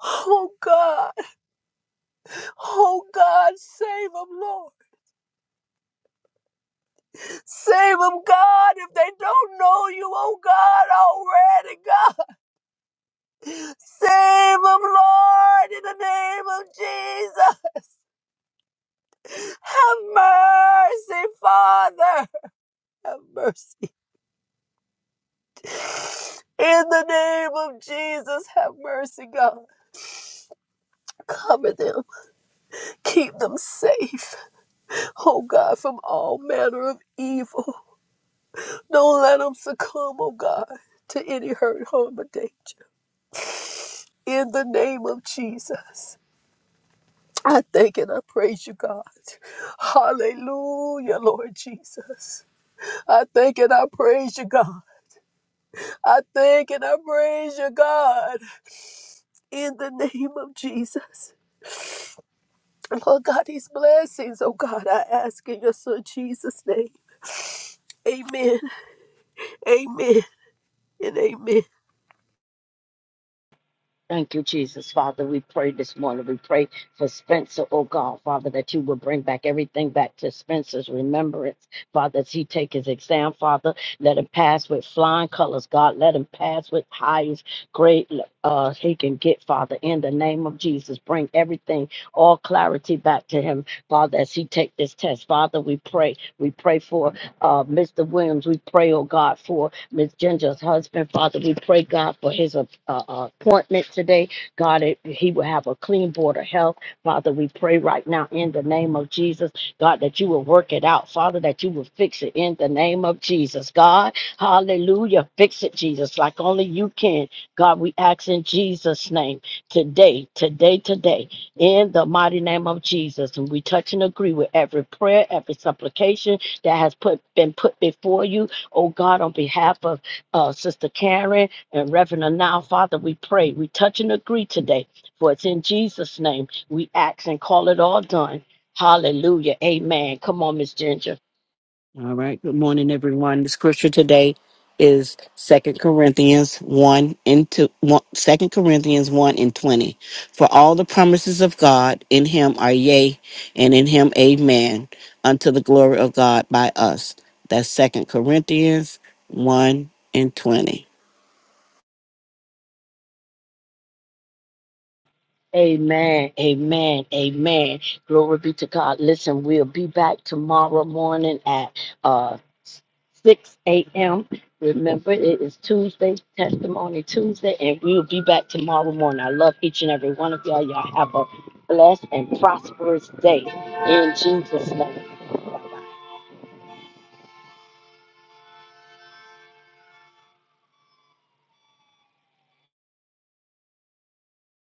S4: Oh God, oh God, save them, Lord. Save them, God, if they don't know you, oh God, already, God. Save them, Lord, in the name of Jesus. Have mercy, Father. Have mercy. In the name of Jesus, have mercy, God. Cover them. Keep them safe, oh God, from all manner of evil. Don't let them succumb, oh God, to any hurt, harm, or danger. In the name of Jesus, I thank and I praise you, God. Hallelujah, Lord Jesus. I thank and I praise you, God. I thank and I praise you, God, in the name of Jesus. Lord God, these blessings, oh God, I ask in your son Jesus' name. Amen, amen, and amen.
S2: Thank you, Jesus. Father, we pray this morning. We pray for Spencer, oh God, Father, that you will bring back everything back to Spencer's remembrance. Father, as he take his exam, Father, let him pass with flying colors, God. Let him pass with highest grade uh, he can get, Father, in the name of Jesus. Bring everything, all clarity back to him, Father, as he take this test. Father, we pray. We pray for uh, Mr. Williams. We pray, oh God, for Miss Ginger's husband. Father, we pray, God, for his uh, uh, appointment today. God, it, he will have a clean board of health. Father, we pray right now in the name of Jesus, God, that you will work it out. Father, that you will fix it in the name of Jesus. God, hallelujah. Fix it, Jesus, like only you can. God, we ask in Jesus' name today, today, today, in the mighty name of Jesus. And we touch and agree with every prayer, every supplication that has put been put before you. Oh God, on behalf of uh, Sister Karen and Reverend Now, Father, we pray. We touch and agree today, for it's in Jesus' name we ask and call it all done. Hallelujah. Amen. Come on, Miss Ginger.
S5: All right. Good morning, everyone. The scripture today is Second Corinthians 1 and 2, 1 2 Corinthians 1 and 20. For all the promises of God in him are yea, and in him amen, unto the glory of God by us. That's Second Corinthians 1 and 20.
S2: Amen. Amen. Amen. Glory be to God. Listen, we'll be back tomorrow morning at uh 6 a.m. Remember, it is Tuesday, Testimony Tuesday, and we will be back tomorrow morning. I love each and every one of y'all. Y'all have a blessed and prosperous day in Jesus' name.